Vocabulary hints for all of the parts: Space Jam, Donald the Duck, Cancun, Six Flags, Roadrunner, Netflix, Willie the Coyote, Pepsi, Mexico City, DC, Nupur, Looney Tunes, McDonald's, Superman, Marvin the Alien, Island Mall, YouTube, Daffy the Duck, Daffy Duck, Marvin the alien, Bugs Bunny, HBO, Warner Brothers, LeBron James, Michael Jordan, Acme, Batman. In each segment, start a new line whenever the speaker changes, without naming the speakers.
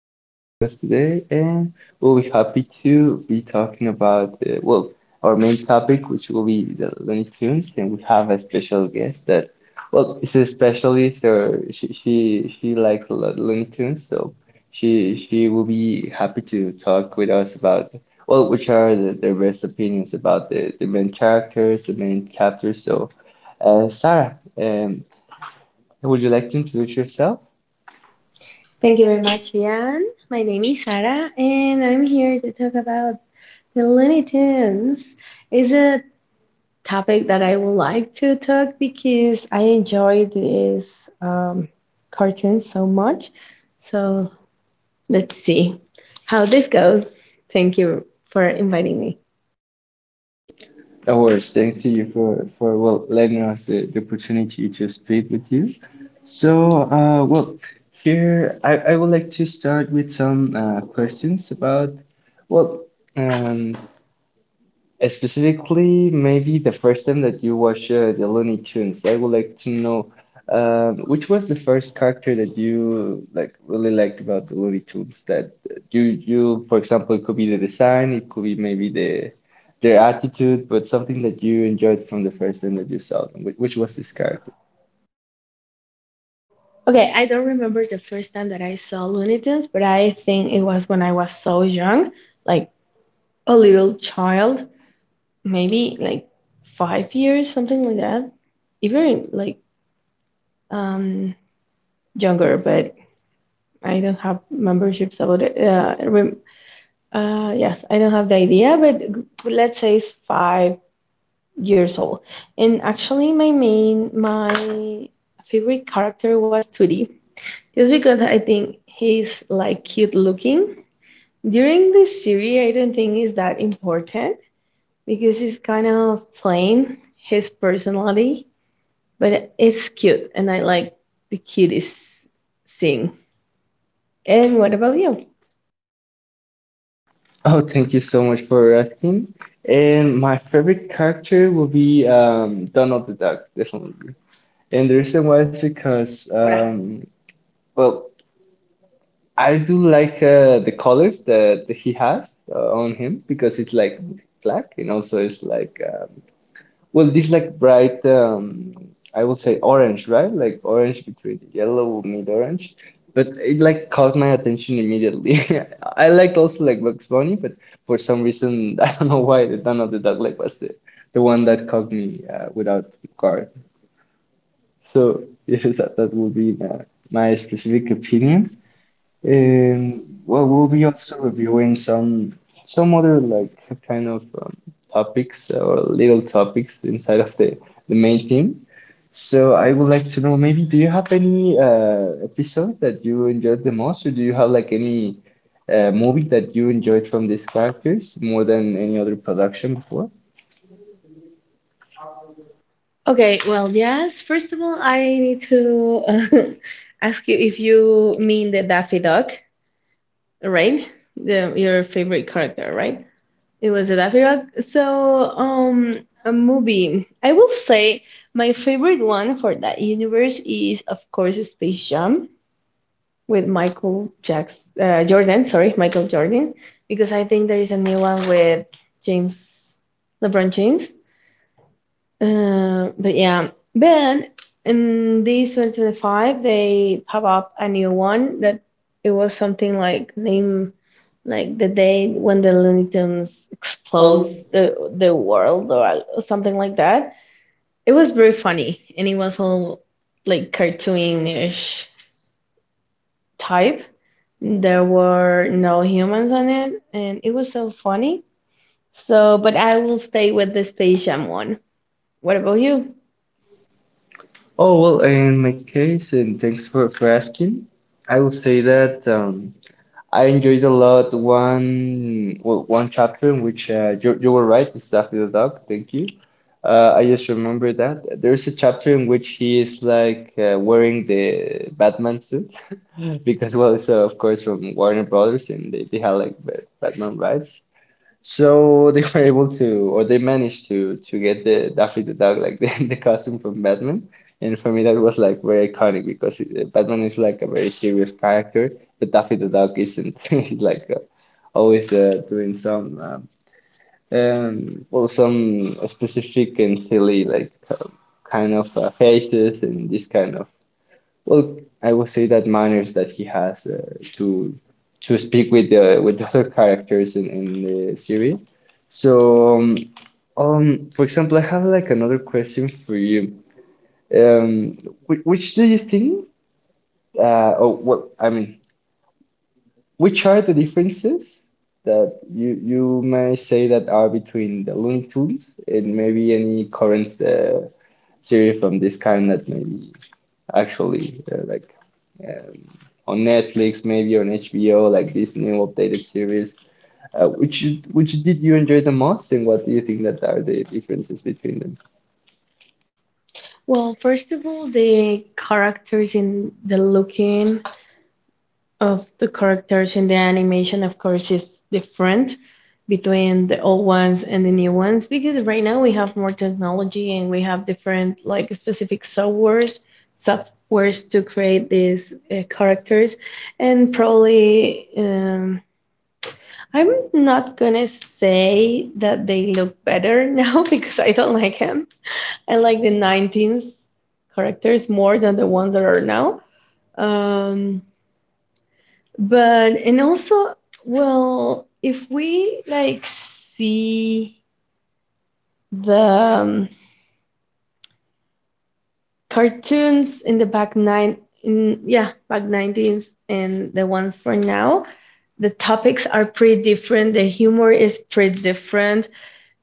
this podcast today. And we'll be happy to be talking about, our main topic, which will be the Looney Tunes. And we have a special guest that, well, is a specialist or she likes a lot Looney Tunes. So she will be happy to talk with us about, well, which are the best opinions about the main characters, the main chapters. So, Sarah, would you like to introduce yourself?
Thank you very much, Ian. My name is Sara, and I'm here to talk about the Looney Tunes. It's a topic that I would like to talk because I enjoy these um, cartoons so much. So let's see how this goes. Thank you for inviting me.
Of course, thanks to you for well letting us the opportunity to speak with you. So, here I would like to start with some questions about well um, specifically, maybe the first time that you watched the Looney Tunes. I would like to know, which was the first character that you really liked about the Looney Tunes, that you for example, it could be the design, it could be maybe their attitude, but something that you enjoyed from the first time that you saw them. Which was this character?
Okay, I don't remember the first time that I saw Looney Tunes, but I think it was when I was so young, like a little child. Maybe like 5 years, something like that. Even like um, younger, but I don't have memberships about it. Yes, I don't have the idea, but let's say it's 5 years old. And actually, my favorite character was Tootie, just because I think he's like cute looking. During this series, I don't think is that important because it's kind of plain his personality, but it's cute and I like the cutest thing. And what about you?
Oh, thank you so much for asking. And my favorite character will be, Donald the Duck, definitely. And the reason why is because, well, I do like the colors that he has on him, because it's like black, and also it's like, this like bright, I would say orange, right? Like orange between yellow mid orange, but it like caught my attention immediately. I liked also like Bugs Bunny, but for some reason I don't know why the Dawn of the Dog like was the one that caught me without guard. So yes, that would be my specific opinion. And well, we'll be also reviewing some other like kind of, topics or little topics inside of the main theme. So I would like to know, maybe do you have any episode that you enjoyed the most, or do you have like any movie that you enjoyed from these characters more than any other production before?
Okay, well, yes. First of all, I need to ask you if you mean the Daffy Duck, right? Your favorite character, right? It was the Daffy Duck. So, a movie. I will say my favorite one for that universe is, of course, Space Jam, with Michael Jackson, Jordan, sorry, Michael Jordan, because I think there is a new one with James, LeBron James. But yeah, then in this 2025, they pop up a new one that it was something like name, like the day when the Looney Tunes explodes the world or something like that. It was very funny and it was all like cartoonish type. There were no humans on it, and it was so funny. So, but I will stay with the Space Jam one. What about you?
Oh well, in my case, and thanks for asking. I would say that. I enjoyed a lot one, well, one chapter in which, you were right, it's Daffy the dog. Thank you. I just remember that there's a chapter in which he is like wearing the Batman suit, because well, it's of course from Warner Brothers, and they had like Batman rights. So they were able to, or they managed to get the Daffy the Duck, like the costume from Batman. And for me, that was like very iconic, because it, Batman is like a very serious character, but Daffy the Duck isn't. He's like always doing some, some specific and silly, like, kind of faces, and this kind of, well, I would say, that manners that he has to speak with the other characters in the series. So, for example, I have like another question for you. Um, which, do you think, I mean, which are the differences that you may say that are between the Looney Tunes and maybe any current series from this kind that maybe actually uh, on Netflix, maybe on HBO, like this new updated series. Uh, which which did you enjoy the most, and what do you think that are the differences between them?
Well, first of all, the characters in the animation, of course, is different between the old ones and the new ones because right now we have more technology and we have different, like, specific softwares, softwares to create these characters, and probably. I'm not gonna say that they look better now because I don't like him. I like the 19s characters more than the ones that are now. Um, but and also, well, if we like see the cartoons in the back nine, in yeah, back 19s and the ones for now, the topics are pretty different. The humor is pretty different,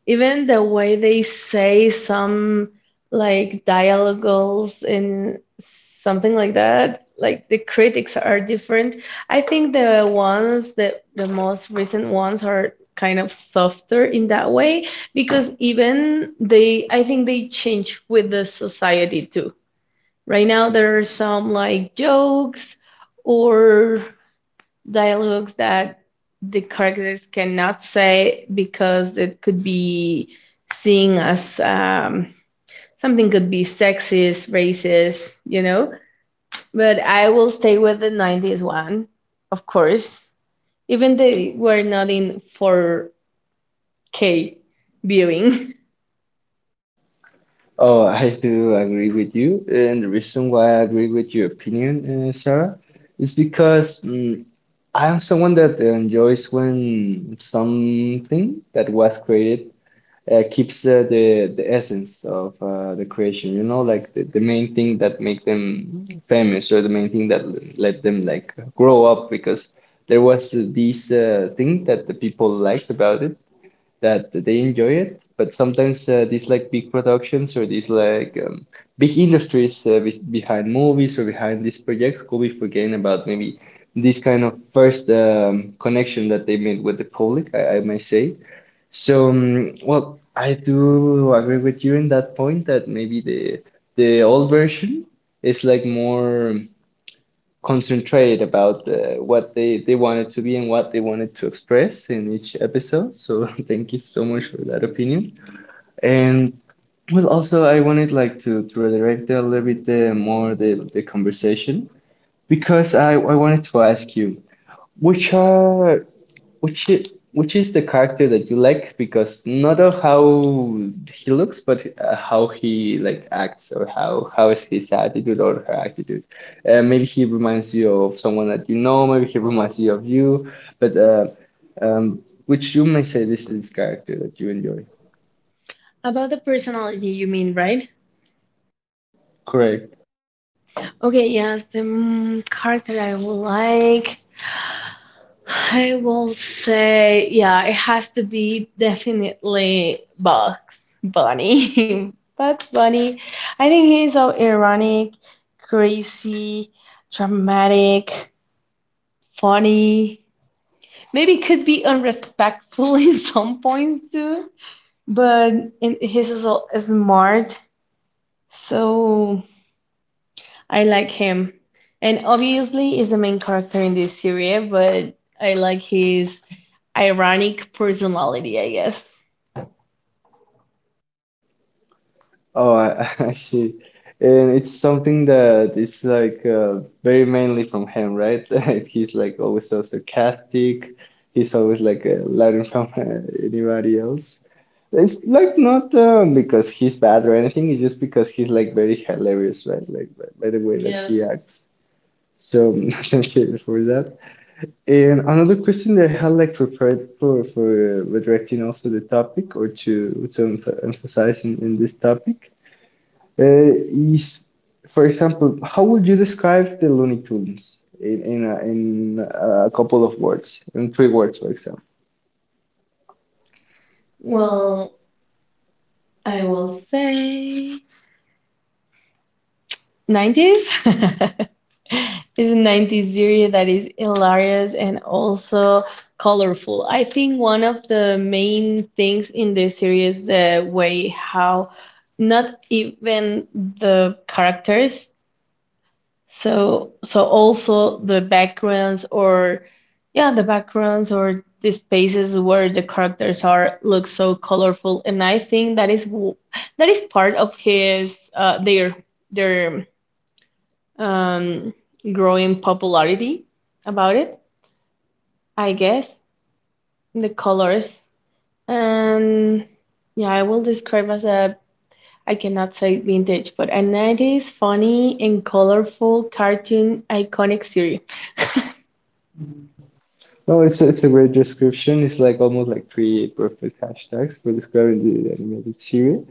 even the way they say some like dialogues and something like that. Like the critics are different. I think the most recent ones are kind of softer in that way because even they, I think they change with the society too. Right now there are some like jokes or dialogues that the characters cannot say because it could be seen as something could be sexist, racist, you know. But I will stay with the 90s one, of course, even they were not in 4K viewing.
Oh, I do agree with you, and the reason why I agree with your opinion, Sarah, is because, I am someone that enjoys when something that was created keeps the essence of the creation, you know, like the main thing that make them famous, or the main thing that let them like grow up, because there was this thing that the people liked about it, that they enjoy it. But sometimes, these like big productions, or these like, big industries be behind movies or behind these projects, could be forgetting about maybe this kind of first, connection that they made with the public, I may say. So, well, I do agree with you in that point that maybe the old version is like more concentrated about what they wanted to be and what they wanted to express in each episode. So, thank you so much for that opinion. And well, also I wanted like to redirect a little bit more the conversation, because I wanted to ask you which are which i- which is the character that you like, because not of how he looks, but how he like acts, or how is his attitude or her attitude. Maybe he reminds you of someone that you know. Maybe he reminds you of you. But which you may say this is character that you enjoy.
About the personality, you mean, right? Okay, yes, the character I would like. I will say, yeah, it has to be definitely Bugs Bunny. Bugs Bunny, I think he's so ironic, crazy, dramatic, funny. Maybe could be unrespectful in some points too, but in, he's so smart, so I like him. And obviously, he's the main character in this series, but I like his ironic personality, I guess.
Oh, I see. And it's something that is like very mainly from him, right? He's like always so sarcastic. He's always like learning from anybody else. It's like not, because he's bad or anything. It's just because he's like very hilarious, right? Like by the way that he acts. So thank you for that. And another question that I had like prepared for redirecting also the topic, or to emphasize in this topic. Yes, for example, how would you describe the Looney Tunes in in a couple of words, in three words, for example?
Well, I will say 90s. It's a 90s series that is hilarious and also colorful. I think one of the main things in this series, the way how not even the characters. So, so also the backgrounds or yeah, the backgrounds or the spaces where the characters are look so colorful, and I think that is that is part of his their their um, growing popularity about it, I guess, the colors. And yeah, I will describe as a I cannot say vintage, but a 90s funny and colorful cartoon iconic series.
No, it's a great description. It's like almost like three perfect hashtags for describing the animated series.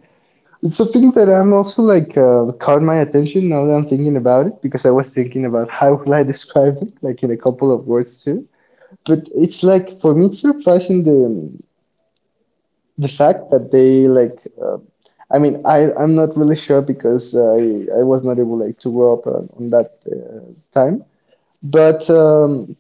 It's something that I'm also like, caught my attention now that I'm thinking about it, because I was thinking about how will I describe it, like in a couple of words too. But it's like for me, it's surprising the fact that they like, uh, I mean, I'm not really sure, because I was not able like to grow up on that time, but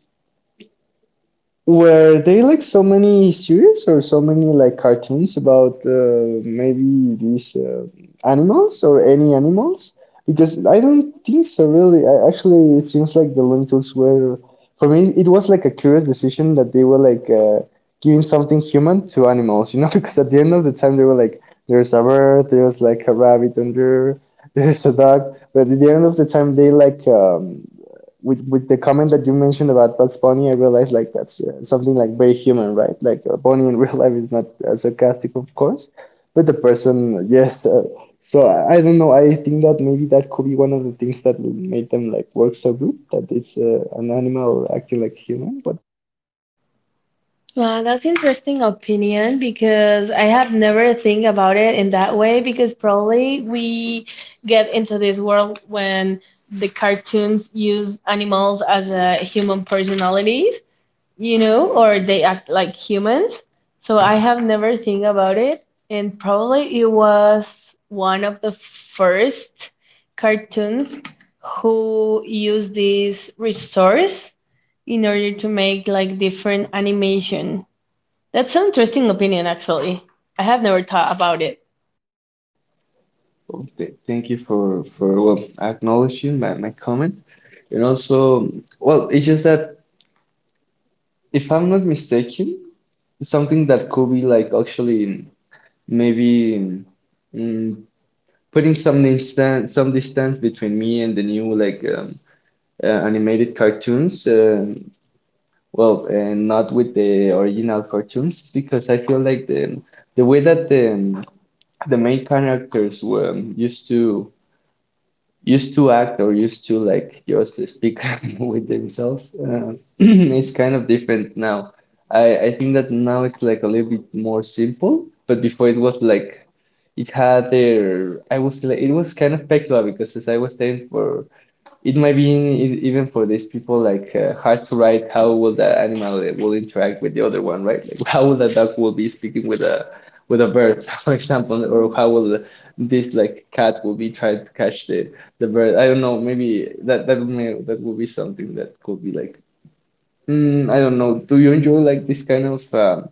were they like so many series, or so many like cartoons about, maybe these animals or any animals? Because I don't think so, really. Actually, it seems like the Looney Tunes were, for me, it was like a curious decision that they were like, giving something human to animals, you know? Because at the end of the time, they were like, there's a bird, there's like a rabbit under, there's a dog. But at the end of the time, they like, with the comment that you mentioned about Bugs Bunny, I realized like that's something like very human, right? Like Bunny in real life is not sarcastic, of course, but the person, yes. I don't know. I think that maybe that could be one of the things that will make them like work so good, that it's an animal acting like human. But
Wow, that's interesting opinion because I have never think about it in that way because probably we get into this world when the cartoons use animals as a human personalities, you know, or they act like humans. So I have never think about it, and probably it was one of the first cartoons who used this resource in order to make like different animation. That's an interesting opinion, actually. I have never thought about it.
oh, th thank you for well acknowledging my comment, and also, well, it's just that if I'm not mistaken, something that could be like actually maybe, mm, putting some distance between me and the new like, animated cartoons, well, and not with the original cartoons, is because I feel like the way that the main characters were, used to act, or used to like just speak with themselves. It's kind of different now. I think that now it's like a little bit more simple, but before it was like, it had their — I was like, it was kind of peculiar, because as I was saying for, it might be even for these people like hard to write how will the animal will interact with the other one, right? Like how will the dog will be speaking with a bird, for example, or how will this like cat will be trying to catch the bird? I don't know. Maybe that will be something that could be like, I don't know. Do you enjoy like this kind of,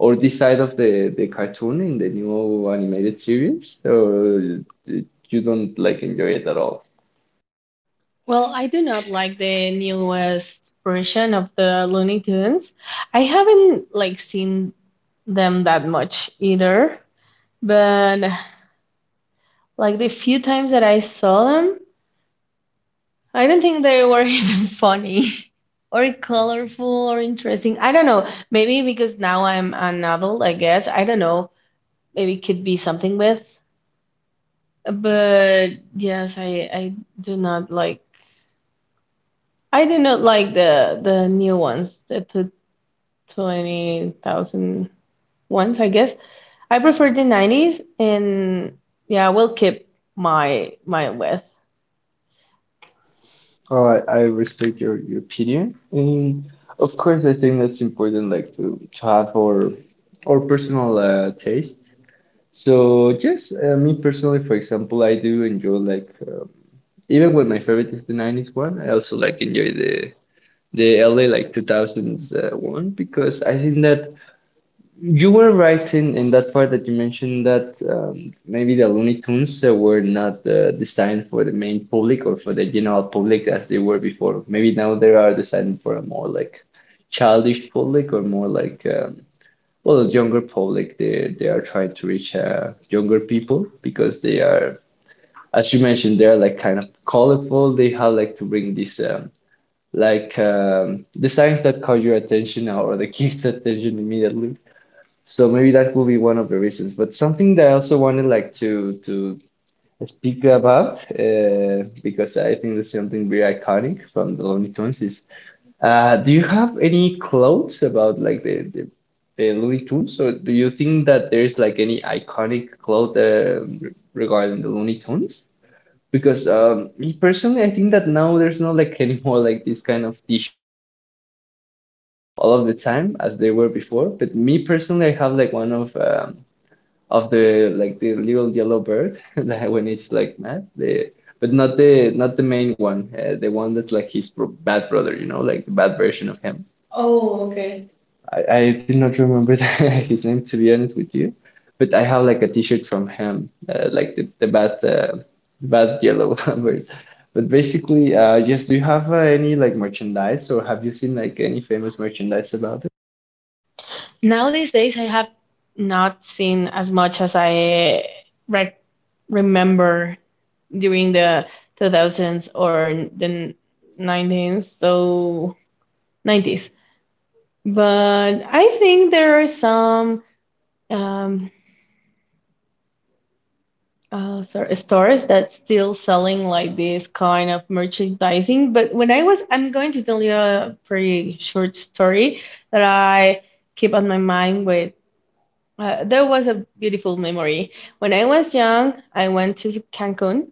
or this side of the cartoon in the new animated series, or uh, you don't like enjoy it at all?
Well, I do not like the newest version of the Looney Tunes. I haven't like seen them that much either. But like the few times that I saw them, I don't think they were even funny or colorful or interesting. I don't know. Maybe because now I'm an adult, I guess. I don't know. Maybe it could be something with. But yes, I do not like I did not like the new ones, the 20,000 ones, I guess. I prefer the 90s and yeah, I will keep my width.
I respect your opinion, and of course, I think that's important, like to have our personal taste. So yes, me personally, for example, I do enjoy like even when my favorite is the '90s one, I also like enjoy the LA like 2000s one because I think that you were right in that part that you mentioned that maybe the Looney Tunes were not designed for the main public or for the general public as they were before. Maybe now they are designed for a more like childish public or more like well younger public. They are trying to reach younger people because they are, as you mentioned, they are like kind of colorful. They have like to bring this like designs that call your attention or the kids' attention immediately, so maybe that could be one of the reasons. But something that I also wanted like to speak about because I think that's something very iconic from the Looney Tunes is do you have any quotes about like the Looney Tunes, or do you think that there's like any iconic quote regarding the Looney Tunes? Because me personally, I think that now there's not like anymore like these kind of t-shirts that were like the all of the time as they were before. But me personally, I have like one of the like the little yellow bird that when it's like mad, the but not the main one, the one that's like his bro bad brother, you know, like the bad version of him. I did not remember his name, to be honest with you, but I have like a t-shirt from him, like the bad bad yellow bird. But basically, yes, do you have any like merchandise, or have you seen like any famous merchandise about?
Nowadays days I have not seen as much as I re remember during the 2000s or 90s so 90s. But I think there are some um sorry, stores that's still selling like this kind of merchandising. But when I was, I'm going to tell you a pretty short story that I keep on my mind with. There was a beautiful memory. When I was young, I went to Cancun.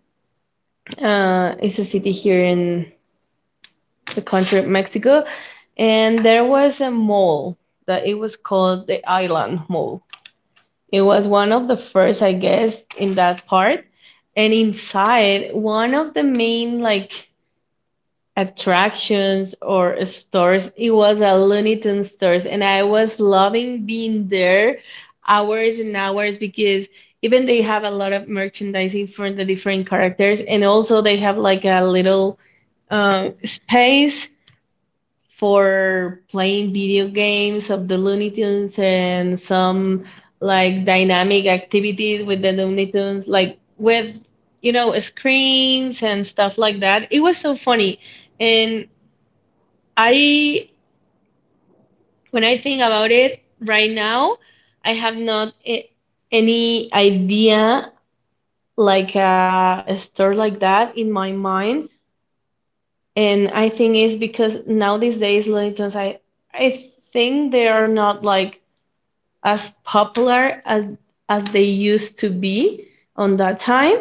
It's a city here in the country of Mexico, and there was a mall that it was called the Island Mall. It was one of the first, I guess, in that part. And inside, one of the main like attractions or stores, it was a Looney Tunes stores, and I was loving being there hours and hours because even they have a lot of merchandising for the different characters, and also they have like a little space for playing video games of the Looney Tunes and some like dynamic activities with the Looney Tunes, like with you know screens and stuff like that. It was so funny, and I when I think about it right now, I have not a- any idea like a store like that in my mind. And I think it's because now these days Looney Tunes, I think they are not like as popular as they used to be on that time.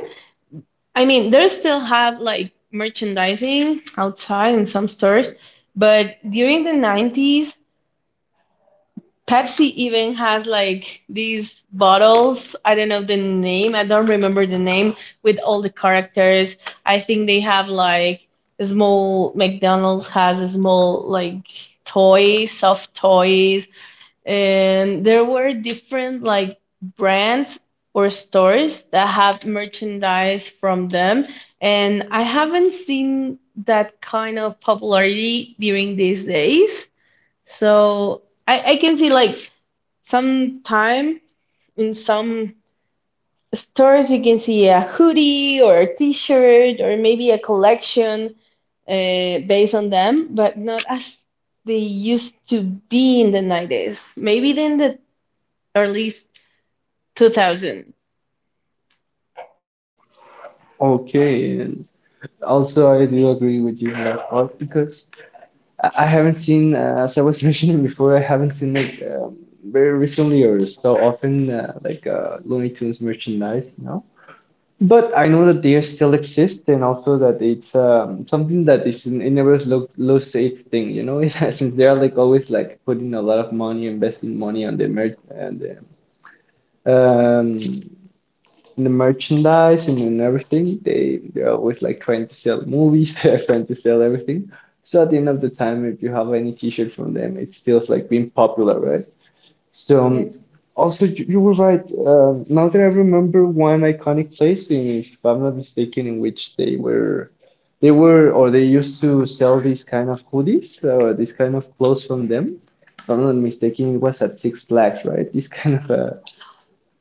I mean, they still have like merchandising outside in some stores, but during the 90s, Pepsi even has like these bottles. I don't know the name. I don't remember the name with all the characters. I think they have like a small McDonald's has a small like toys, soft toys, and there were different like brands or stores that have merchandise from them, and I haven't seen that kind of popularity during these days. So I can see like sometime in some stores you can see a hoodie or a t-shirt or maybe a collection based on them, but not as they used to be in the 90s. Maybe in the or at least 2000.
Okay, and also I do agree with you on that part because I haven't seen, as I was mentioning before, I haven't seen like very recently or so often like Looney Tunes merchandise, no? But I know that they still exist, and also that it's something that is an it never low stakes thing, you know. Since they are like always like putting a lot of money, investing money on the merch and the, um, in the merchandise and in everything. They're always like trying to sell movies. They're trying to sell everything. So at the end of the time, if you have any T-shirt from them, it still like being popular, right? So yes. Also you were right. Now that I remember one iconic place in, if I'm not mistaken, in which they were or they used to sell these kind of hoodies or this kind of clothes from them. If I'm not mistaken, it was at Six Flags, right? This kind of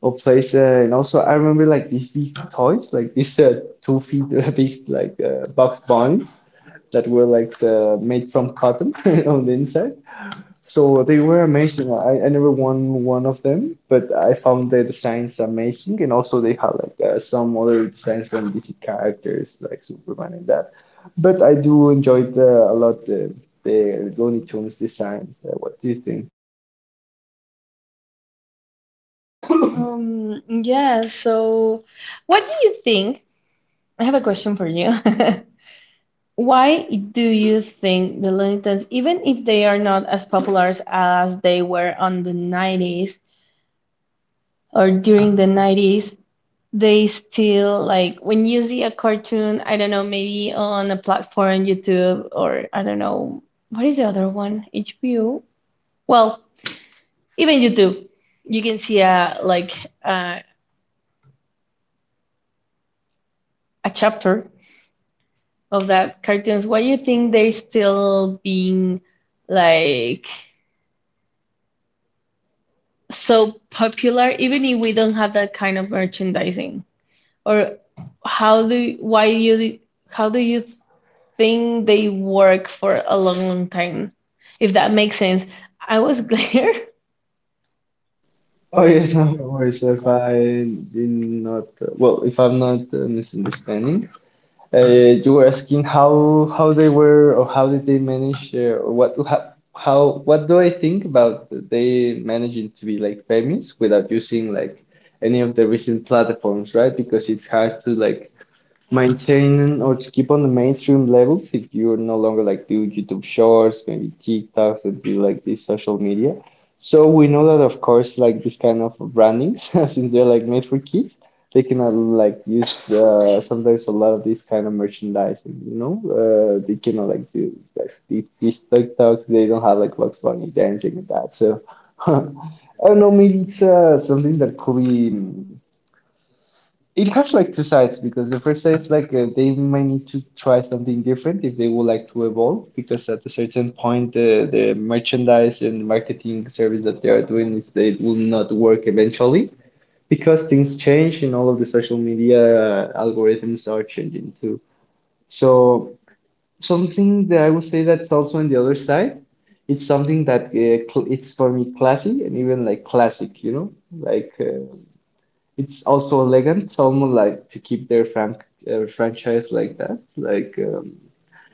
a place, and also I remember like these big toys, like these 2 feet big like box bunnies that were like made from cotton on the inside. So they were amazing. I never won one of them, but I found the designs amazing, and also they had like some other designs from DC characters like Superman and that. But I do enjoy the a lot the Looney Tunes design. What do you think?
Yeah, so what do you think? I have a question for you. Why do you think the Looney Tunes, even if they are not as popular as they were on the 90s or during the 90s, they still like when you see a cartoon, I don't know, maybe on a platform, YouTube, or I don't know, what is the other one? HBO? Well, even YouTube, you can see a like uh, a chapter of that cartoons, why you think they're still being like so popular, even if we don't have that kind of merchandising? Or how do why you how do you think they work for a long, long time? If that makes sense. I was clear.
Oh yes, no worries. If I did not, well, if I'm not misunderstanding, Uh, you were asking how they were or how did they manage or what how what do I think about they managing to be like famous without using like any of the recent platforms, right? Because it's hard to like maintaining or to keep on the mainstream levels if you're no longer like do YouTube shorts, maybe TikToks and do like this social media. So we know that of course like this kind of brandings since they're like made for kids, they can like use sometimes a lot of this kind of merchandising, you know? They cannot like do like these TikToks, they don't have like Bugs Bunny dancing and that. So I don't know, maybe it's something that could be it has like two sides because the first side is like they might need to try something different if they would like to evolve because at a certain point the merchandise and marketing service that they are doing is they will not work eventually because things change and all of the social media algorithms are changing too. So something that I would say that's also on the other side, it's something that cl it's for me classy and even like classic, you know, like. It's also elegant someone like to keep their frank franchise like that like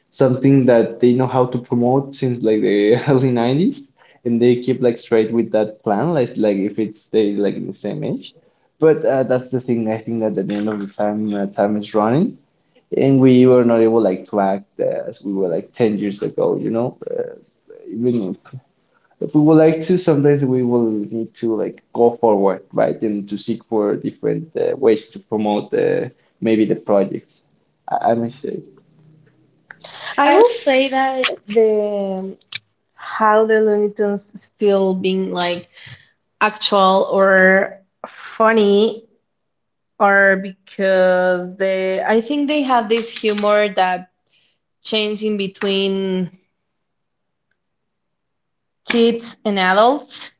something that they know how to promote since like the early 90s and they keep like straight with that plan like if it stay like in the same age, but that's the thing. I think that at the end of the time time is running and we were not able like to act as we were like 10 years ago, you know, even if we would like to, sometimes we will need to like go forward, right? And to seek for different ways to promote the maybe the projects. I must say.
I will say that the how the Looney Tunes still being like actual or funny or because they I think they have this humor that changes in between kids and adults,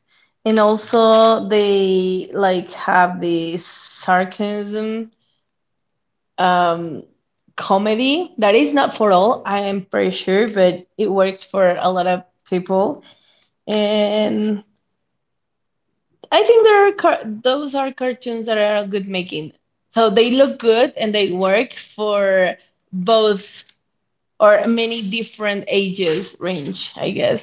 and also they like have this sarcasm um comedy that is not for all. I am pretty sure but it works for a lot of people. And I think there are those are cartoons that are good making, so they look good and they work for both or many different ages range, I guess.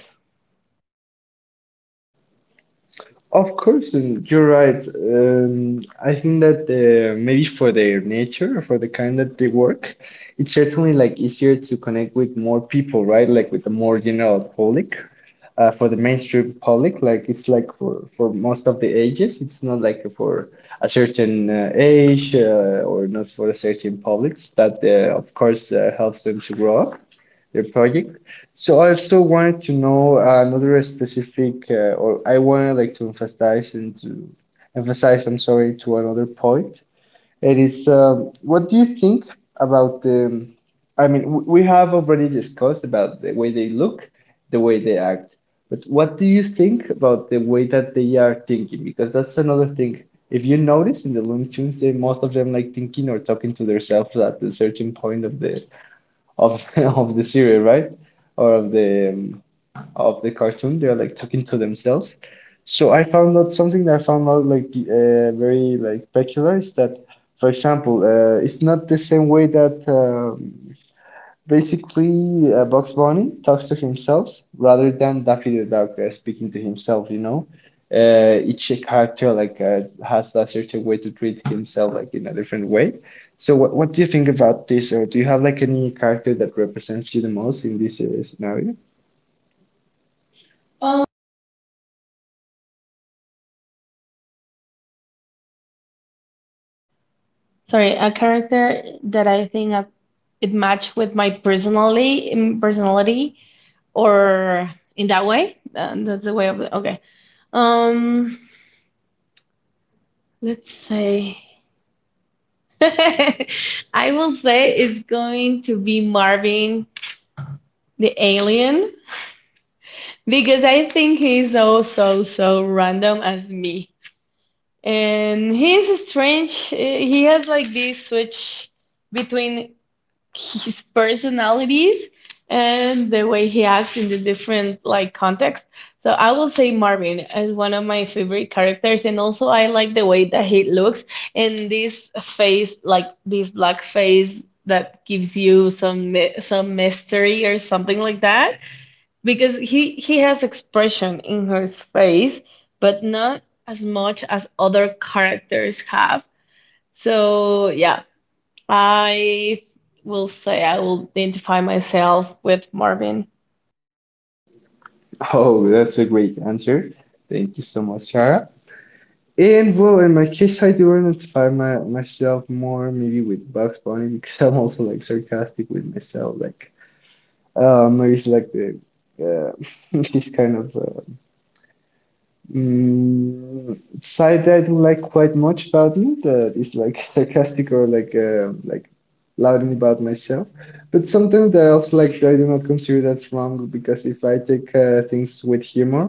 Of course, and you're right. Um, I think that maybe for their nature, for the kind that they work, it's certainly like easier to connect with more people, right? Like with the more general public, for the mainstream public. Like it's like for most of the ages. It's not like for a certain age or not for a certain publics. That of course helps them to grow up their project. So I also wanted to know another specific, or I wanted like to emphasize and to emphasize. I'm sorry, to another point it is. What do you think about the? I mean, we have already discussed about the way they look, the way they act, but what do you think about the way that they are thinking? Because that's another thing. If you notice in the Looney Tunes, they most of them like thinking or talking to themselves at a certain point of the of of the series, right? Or of the cartoon. They're like talking to themselves. So I found out something that I found out like the, very like peculiar is that, for example, it's not the same way that basically Bugs Bunny talks to himself rather than Daffy the Duck speaking to himself. You know, each character like has a certain way to treat himself like in a different way. So what do you think about this, or do you have like any character that represents you the most in this scenario?
Sorry, a character that I think I- it matched with my personally in personality or in that way. That's the way of the, okay. Um, let's say I will say it's going to be Marvin the alien because I think he's so so so random as me. And he's strange. He has like this switch between his personalities and the way he acts in the different like contexts. So I will say Marvin is one of my favorite characters, and also I like the way that he looks and this face, like this black face that gives you some some mystery or something like that, because he has expression in his face, but not as much as other characters have. So yeah, I will say I will identify myself with Marvin.
Oh, that's a great answer. Thank you so much, Shara. And well, in my case, I do identify myself more maybe with Bugs Bunny because I'm also like sarcastic with myself. Like, maybe it's like the uh, this kind of mm, side I do like quite much about me that is like sarcastic or like loudly about myself. But sometimes that I also like I do not consider that's wrong because if I take things with humor,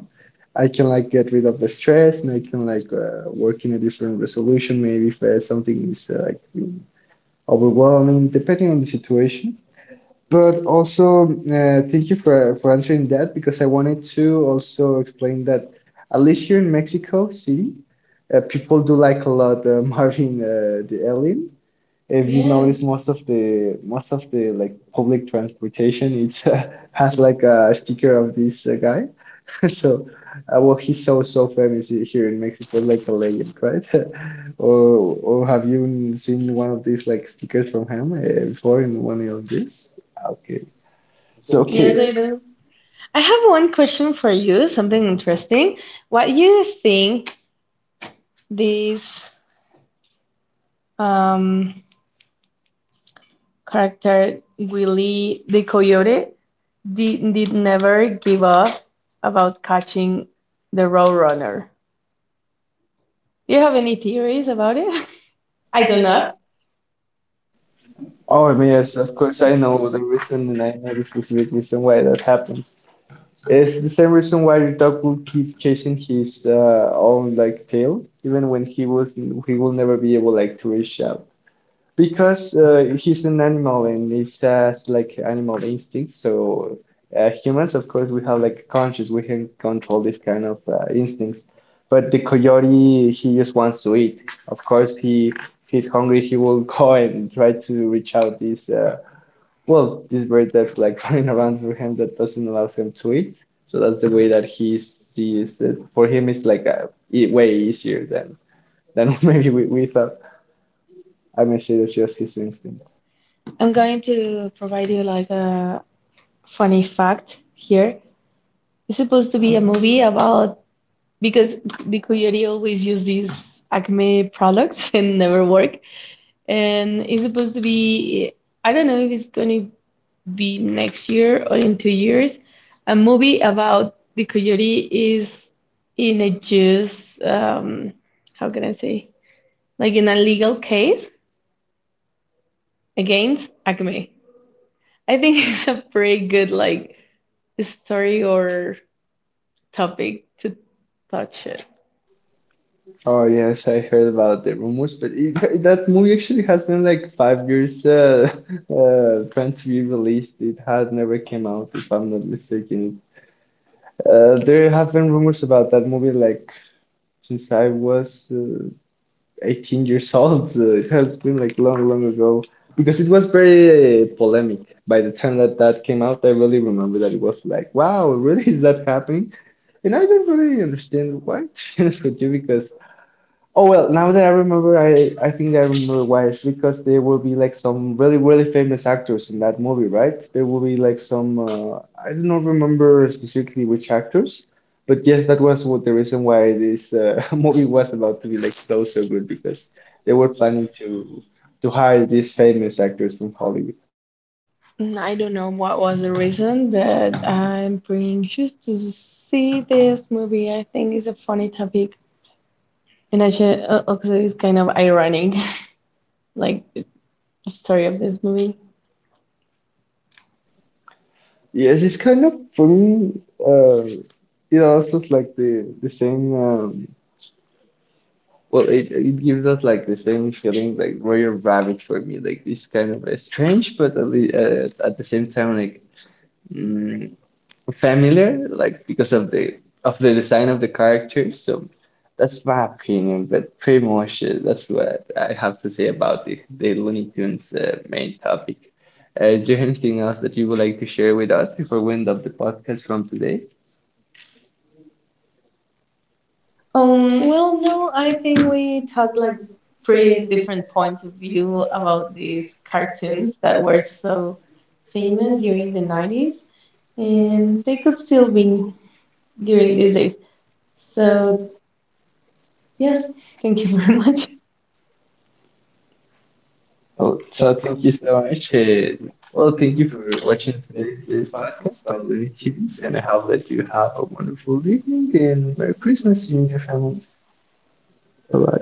I can like get rid of the stress and I can like work in a different resolution. Maybe if something is like overwhelming, depending on the situation. But also, thank you for answering that because I wanted to also explain that at least here in Mexico City, people do like a lot Marvin the Alien. If you notice, most of the like public transportation, it's has like a sticker of this guy. So, well, he's so so famous here in Mexico, like a legend, right? Or have you seen one of these like stickers from him before in one of these? Okay. So,
Yes,
okay.
I do. I have one question for you, something interesting. What do you think this um, character Willie the Coyote did never give up about catching the Roadrunner? Do you have any theories about it? I do not.
Oh, yes, of course, I know the reason, and I know the specific reason why that happens. It's the same reason why your dog will keep chasing his own like tail, even when he will never be able like to reach out, because he's an animal and it has like animal instincts. So humans, of course, we have like conscious. We can control this kind of instincts. But the coyote, he just wants to eat. Of course, he if he's hungry, he will go and try to reach out this well this bird that's like running around for him that doesn't allow him to eat. So that's the way that he sees it. For him, it's like e way easier than maybe we thought. I mean, it's just his instinct.
I'm going to provide you like a funny fact here. It's supposed to be a movie about because the coyote always use these acme products and never work, and it's supposed to be I don't know if it's going to be next year or in 2 years. A movie about the coyote is in a just how can I say like in a legal case against acme, I think. It's a pretty good like story or topic to touch it.
Oh yes, I heard about the rumors, but it, that movie actually has been like 5 years trying to be released. It has never came out, if I'm not mistaken. There have been rumors about that movie like since I was 18 years old. So it has been like long, long ago because it was very polemic. By the time that that came out, I really remember that it was like, wow, really is that happening? And I don't really understand why, to be honest with you, because. Oh well, now that I remember, I think I remember why. It's because there will be like some really really famous actors in that movie, right? There will be like some I do not remember specifically which actors, but yes, that was what the reason why this movie was about to be like so so good because they were planning to hire these famous actors from Hollywood.
Mm, I don't know what was the reason, but I'm pretty anxious to see this movie. I think it's a funny topic, and actually, also it's kind of ironic, like the story of this movie.
Yes, it's kind of for me. Uh, it also is like the same. Well, it gives us like the same feeling like Royal Rabbit for me, like this kind of strange, but at least, at the same time like mm, familiar, like because of the design of the characters. So that's my opinion, but pretty much that's what I have to say about the Looney Tunes main topic. Is there anything else that you would like to share with us before we end up the podcast from today?
Well, no, I think we talked like pretty different points of view about these cartoons that were so famous during the 90s, and they could still be during these days. So, yes, thank you very much.
Well, so thank you so much. Well, thank you for watching today's podcast by Looney Tunes, and I hope that you have a wonderful evening and Merry Christmas to you and your family. Bye bye.